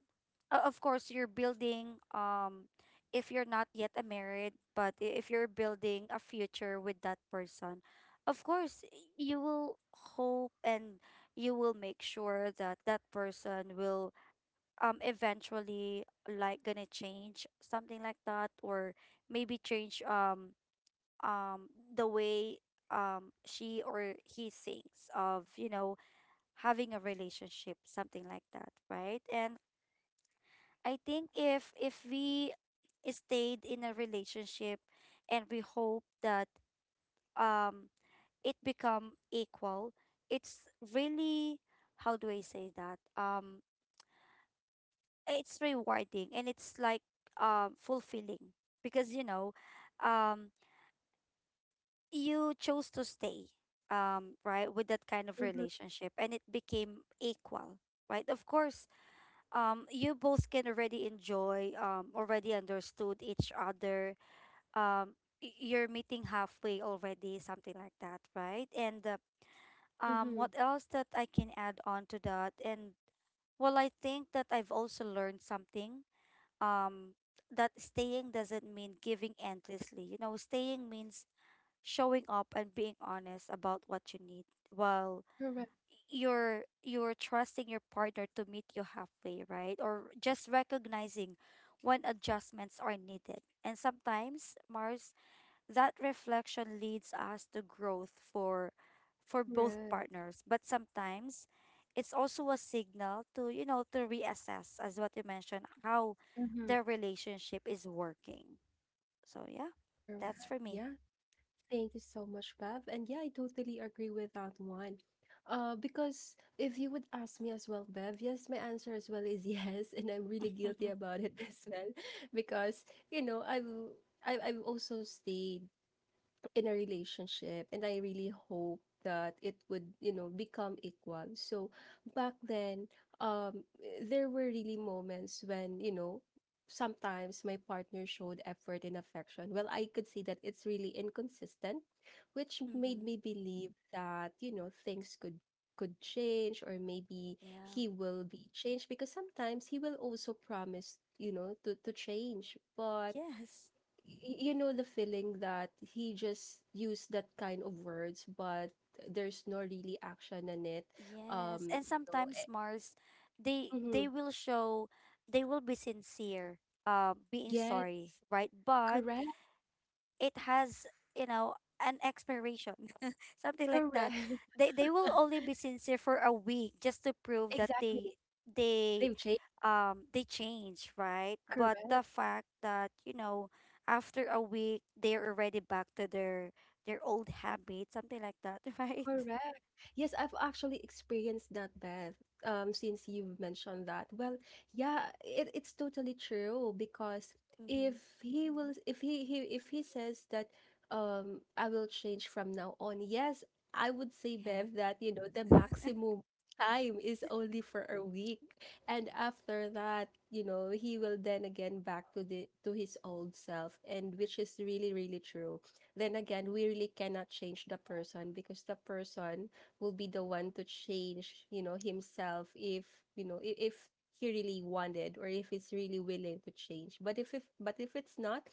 of course, you're building if you're not yet a married, but if you're building a future with that person, of course, you will hope, and you will make sure that that person will eventually, like, gonna change, something like that, or maybe change the way she or he thinks of, you know, having a relationship, something like that, right? And I think if we stayed in a relationship and we hope that um it become equal, it's really, how do I say that? It's rewarding, and it's like fulfilling, because, you know, um you chose to stay, right, with that kind of
Mm-hmm.
relationship, and it became equal, right? Of course, you both can already enjoy, already understood each other, um you're meeting halfway already, something like that, right? And
Mm-hmm.
what else that I can add on to that? And well, I think that I've also learned something, um that staying doesn't mean giving endlessly. You know, staying means showing up and being honest about what you need, while
Correct.
you're trusting your partner to meet you halfway, right? Or just recognizing when adjustments are needed, and sometimes, Mars, that reflection leads us to growth for both
Correct.
partners, but sometimes it's also a signal to, you know, to reassess, as what you mentioned, how
Mm-hmm.
their relationship is working. So yeah, that's
Correct.
for me.
Yeah. Thank you so much, Bev. And yeah, I totally agree with that one. Because if you would ask me as well, Bev, yes, my answer as well is yes, and I'm really guilty about it as well, because you know I've I've also stayed in a relationship and I really hope that it would you know become equal so back then um there were really moments when you know sometimes my partner showed effort and affection well I could see that it's really inconsistent which made
Mm-hmm.
me believe that you know things could change or maybe
Yeah.
he will be changed because sometimes he will also promise you know to change but
Yes.
y- you know the feeling that he just used that kind of words but there's no really action in it
Yes. And
you know
sometimes Mars, they
mm
they will show, they will be sincere, being
yes
sorry, right? But
correct
it has, you know, an expiration, something like that.
correct
They will only be sincere for a week just to prove that
exactly
they they
they've changed
um they change, right? But
correct.
the fact that, you know, after a week, they're already back to their old habits, something like that. Right.
Correct. Yes, I've actually experienced that, Beth. Since you've mentioned that. Well, yeah, it's totally true because if
Mm-hmm.
he will if he, he if he says that I will change from now on, yes, I would say, Bev,
Yeah.
that you know the maximum time is only for a week. And after that, you know, he will then again back to the to his old self and which is really, really true then again, we really cannot change the person because the person will be the one to change, you know, himself if, you know, if he really wanted or if he's really willing to change. But if but if it's not,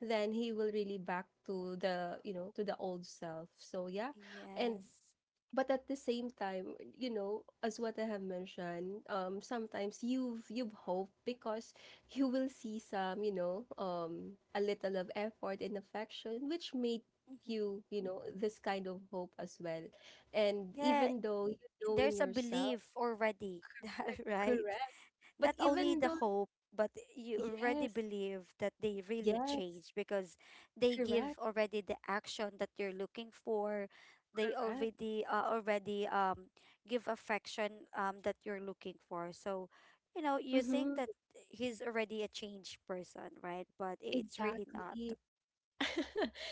then he will really back to the, you know, to the old self. So yeah. And
Yes.
but at the same time you know as what I have mentioned sometimes you've hope because you will see some you know a little of effort and affection which made
Mm-hmm.
you you know this kind of hope as well and
Yeah.
even though you know in
There's a
yourself
belief already, that
like,
right?
correct but
Not only
even
the
though
hope, but you already
yes
believe that they really
yes
change, because they give
correct
already the action that you're looking for. They
correct
already give affection that you're looking for. So you know, you think
mm-hmm,
that he's already a changed person, right? But it's really not.
exactly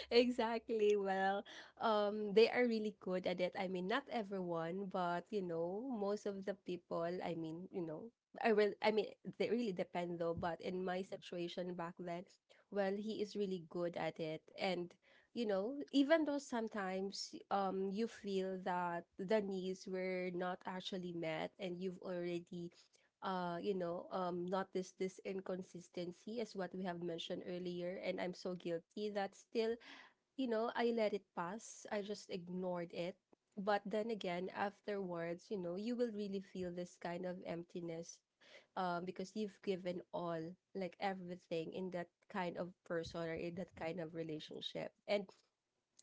exactly. Well, they are really good at it. I mean, not everyone, but you know, most of the people. I mean, you know, I will. I mean, they really depend though. But in my situation back then, well, he is really good at it, and you know, even though sometimes you feel that the needs were not actually met, and you've already you know, notice this inconsistency as what we have mentioned earlier. And I'm so guilty that still, you know, I let it pass. I just ignored it. But then again, afterwards, you know, you will really feel this kind of emptiness because you've given all, like everything in that kind of person or in that kind of relationship. And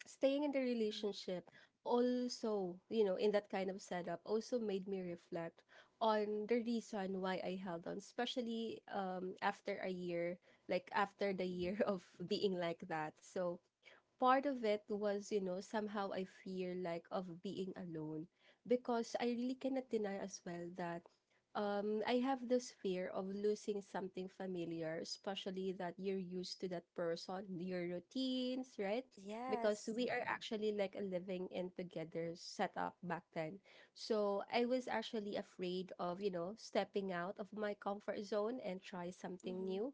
staying in the
Mm-hmm.
relationship also you know in that kind of setup also made me reflect on the reason why I held on especially after a year like after the
Mm-hmm.
year of being like that so part of it was, you know, somehow I fear like of being alone because I really cannot deny as well that I have this fear of losing something familiar, especially that you're used to that person, your routines, right? Because
Yes.
we are actually like a living in together setup back then. So I was actually afraid of, you know, stepping out of my comfort zone and try something
Mm-hmm.
new.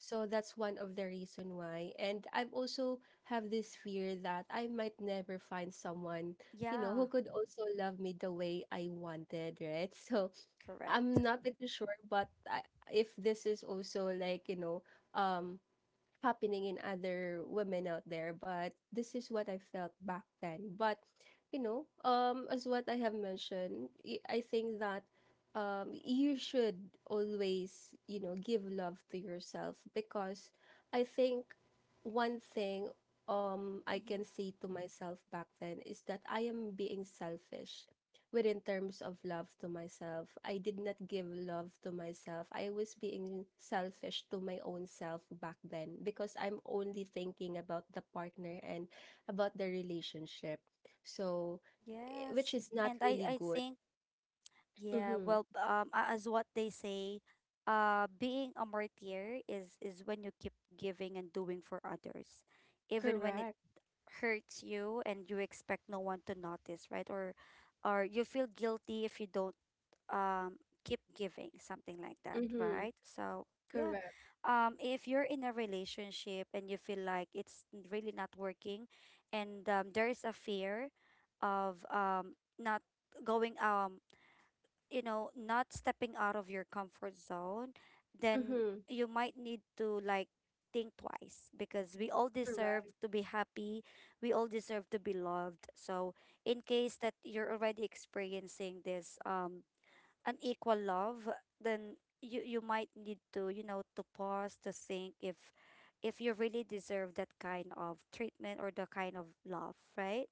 So that's one of the reason why. And I've also have this fear that I might never find someone, you know,
Yeah.
who could also love me the way I wanted, right? So
Correct.
I'm not pretty sure, but I, if this is also like, you know, um, happening in other women out there, but this is what I felt back then. But you know, as what I have mentioned, y- I think that you should always, you know, give love to yourself because I think one thing I can
Mm-hmm.
say to myself back then is that I am being selfish within terms of love to myself. I did not give love to myself. I was being selfish to my own self back then because I'm only thinking about the partner and about the relationship. So,
Yes.
which is not
And i
really
i
good.
think, yeah,
Mm-hmm.
well, as what they say, being a martyr is when you keep giving and doing for others, even when it
Correct.
hurts you, and you expect no one to notice, right? Or you feel guilty if you don't um keep giving, something like that,
Mm-hmm.
right? So yeah,
Correct.
if you're in a relationship and you feel like it's really not working, and there is a fear of not going you know, not stepping out of your comfort zone, then
Mm-hmm.
you might need to, like, think twice, because we all deserve
Correct.
to be happy. We all deserve to be loved. So in case that you're already experiencing this unequal love, then you might need to, you know, to pause, to think if you really deserve that kind of treatment, or the kind of love, right?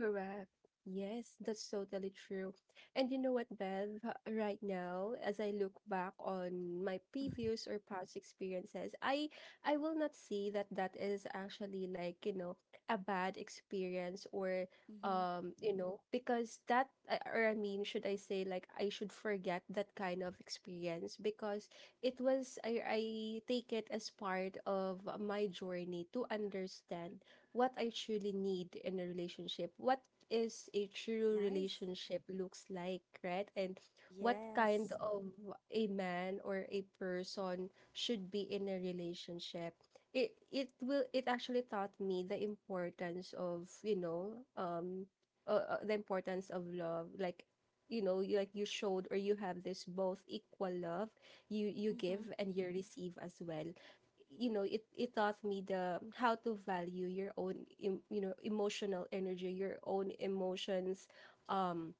Correct. Yes, that's totally true. And you know what, Bev? Right now, as I look back on my previous or past experiences, I will not see that that is actually, like, you know, a bad experience or
Mm-hmm.
you know, because that I- or I mean, should I say like I should forget that kind of experience because it was I take it as part of my journey to understand what I truly need in a relationship, what is a true
Nice.
relationship looks like, right? And what kind
Yes.
of a man or a person should be in a relationship. It actually taught me the importance of, you know, the importance of love, like, you know you, like you showed or you have this both equal love, you
Mm-hmm.
give and you receive as well. You know, it taught me the how to value your own, you know, emotional energy, your own emotions, um,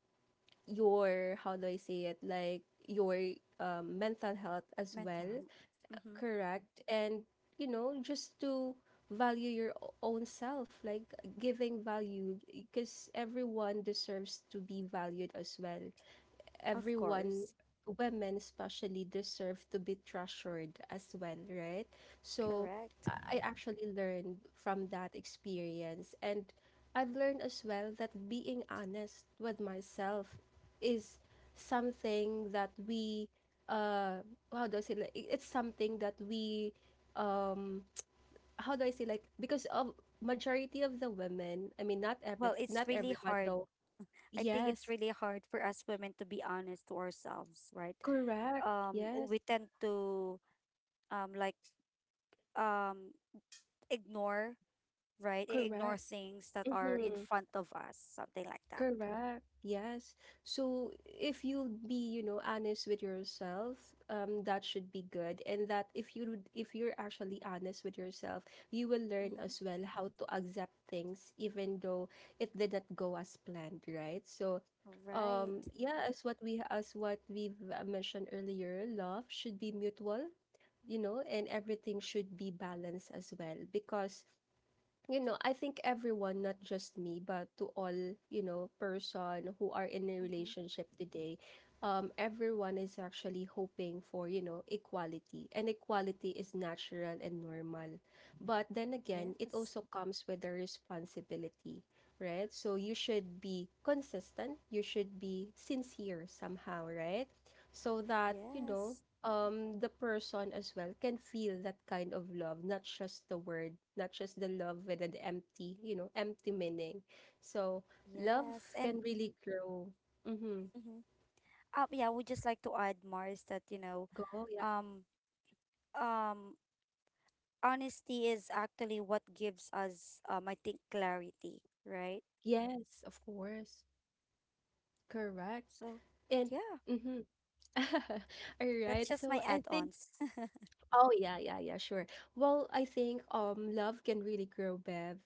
your, how do I say it, like your, mental health as well.
Mental. Health. Mm-hmm.
Correct. And you know, just to value your own self, like giving value, because everyone deserves to be valued as well.
Of
Everyone,
course.
women especially deserve to be treasured as well, right? So
Correct.
I actually learned from that experience. And I've learned as well that being honest with myself is something that we, uh how do I say, like it's something that we, um, how do I say, like, because of majority of the women, I mean,
Well, it's
not
really
everyone
hard.
though.
I think it's
Yes.
really hard for us women to be honest to ourselves, right?
Correct. Yes.
We tend to um like um ignore, right? Ignore
Correct.
things that are in
Mm-hmm.
front of us, something like that.
Correct. Yes. So if you'll be, you know, honest with yourself, that should be good. And that if you if you're actually honest with yourself, you will learn
Mm-hmm.
as well how to accept things even though it did not go as planned, right? So,
Right.
yeah, as what we've, mentioned earlier, love should be mutual, you know, and everything should be balanced as well, because, you know, I think everyone, not just me, but to all, you know, person who are in a
Mm-hmm.
relationship today, everyone is actually hoping for, you know, equality. And equality is natural and normal. But then again, it
Yes.
also comes with a responsibility, right? So you should be consistent, you should be sincere somehow, right? So that, you know,
Yes.
um, the person as well can feel that kind of love, not just the word, not just the love with an empty, you know, empty meaning. So love
Yes. And
can really grow. Mm-hmm.
mm-hmm. Um, yeah, we just like to add Mars that, you know,
Go, yeah.
um um honesty is actually what gives us, I think, clarity, right?
Yes, of course. Correct.
So
And
yeah,
mm-hmm. All
that's
right,
just my
so I think.
add-ons.
Oh, yeah, yeah, yeah, sure. Well, I think, um, love can really grow, Bev,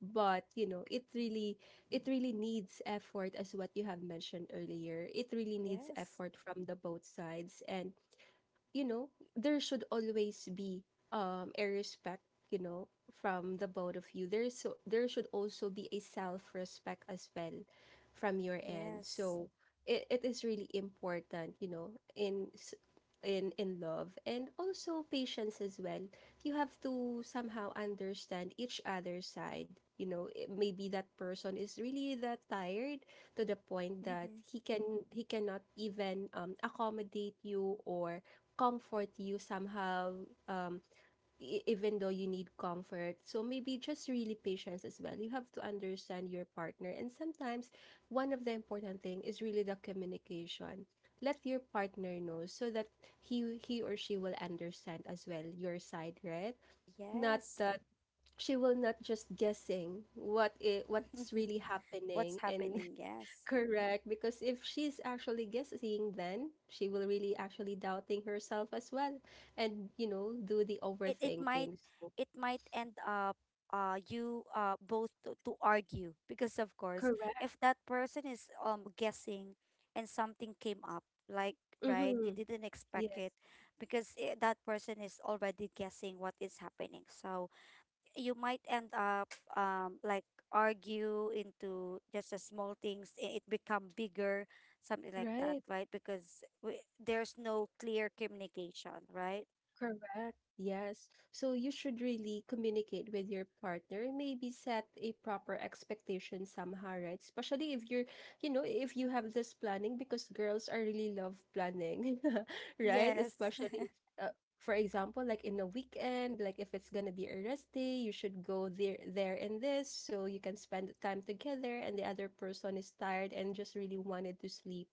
but you know, it
Mhm.
really, it really needs effort as what you have mentioned earlier. It really needs
Yes.
effort from the both sides. And you know, there should always be, um, a respect, you know, from the both of you. There is, so there should also be a self-respect as well from your end.
Yes.
So it is really important, you know, in s- in love, and also patience as well. You have to somehow understand each other's side. You know, it, maybe that person is really that tired to the point that
Hmm.
he cannot even, um, accommodate you or comfort you somehow, um, even though you need comfort. So maybe just really patience as well, you have to understand your partner. And sometimes one of the important thing is really the communication. Let your partner know, so that he or she will understand as well your side, right? Not
Yes.
that she will not just guessing what's really
What's
happening. And
happening? Yes.
correct, because if she's actually guessing, then she will really actually doubting herself as well, and you know, do the
it it might
overthinking. So
it might end up, you both to, argue, because of course,
correct.
if that person is guessing and something came up, like, right, you
Mm-hmm.
didn't expect
Yes.
it, because I that person is already guessing what is happening. So you might end up argue into just a small things, it become bigger, something like that,
Right.
right? Because we, there's no clear communication, right?
Correct. Yes. So you should really communicate with your partner, maybe set a proper expectation somehow, right? Especially if you're, you know, if you have this planning, because girls are really love planning, right?
Yes.
Especially, for example, like in a weekend, like if it's gonna be a rest day, you should go there, there and this, so you can spend time together, and the other person is tired and just really wanted to sleep.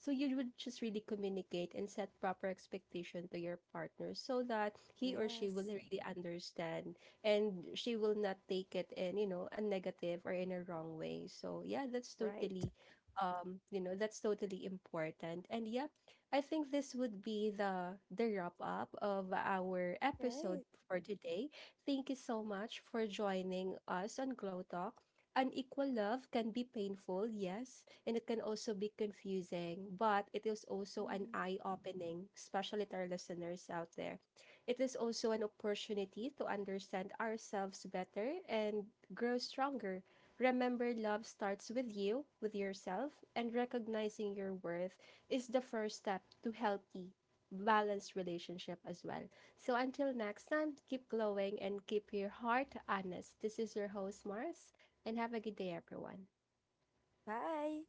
So you would just really communicate and set proper expectation to your partner so that he or she will
Yes.
really understand, and she will not take it in, you know, a negative or in a wrong way. So yeah, that's
Right.
totally, you know, that's totally important. And yeah, I think this would be the wrap up of our episode
Right.
for today. Thank you so much for joining us on Glow Talk. Unequal love can be painful, yes, and it can also be confusing, but it is also an
Hmm.
eye opening, especially to our listeners out there. It is also an opportunity to understand ourselves better and grow stronger. Remember, love starts with you, with yourself, and recognizing your worth is the first step to healthy, balanced relationship as well. So until next time, keep glowing and keep your heart honest. This is your host, Mars, and have a good day, everyone.
Bye.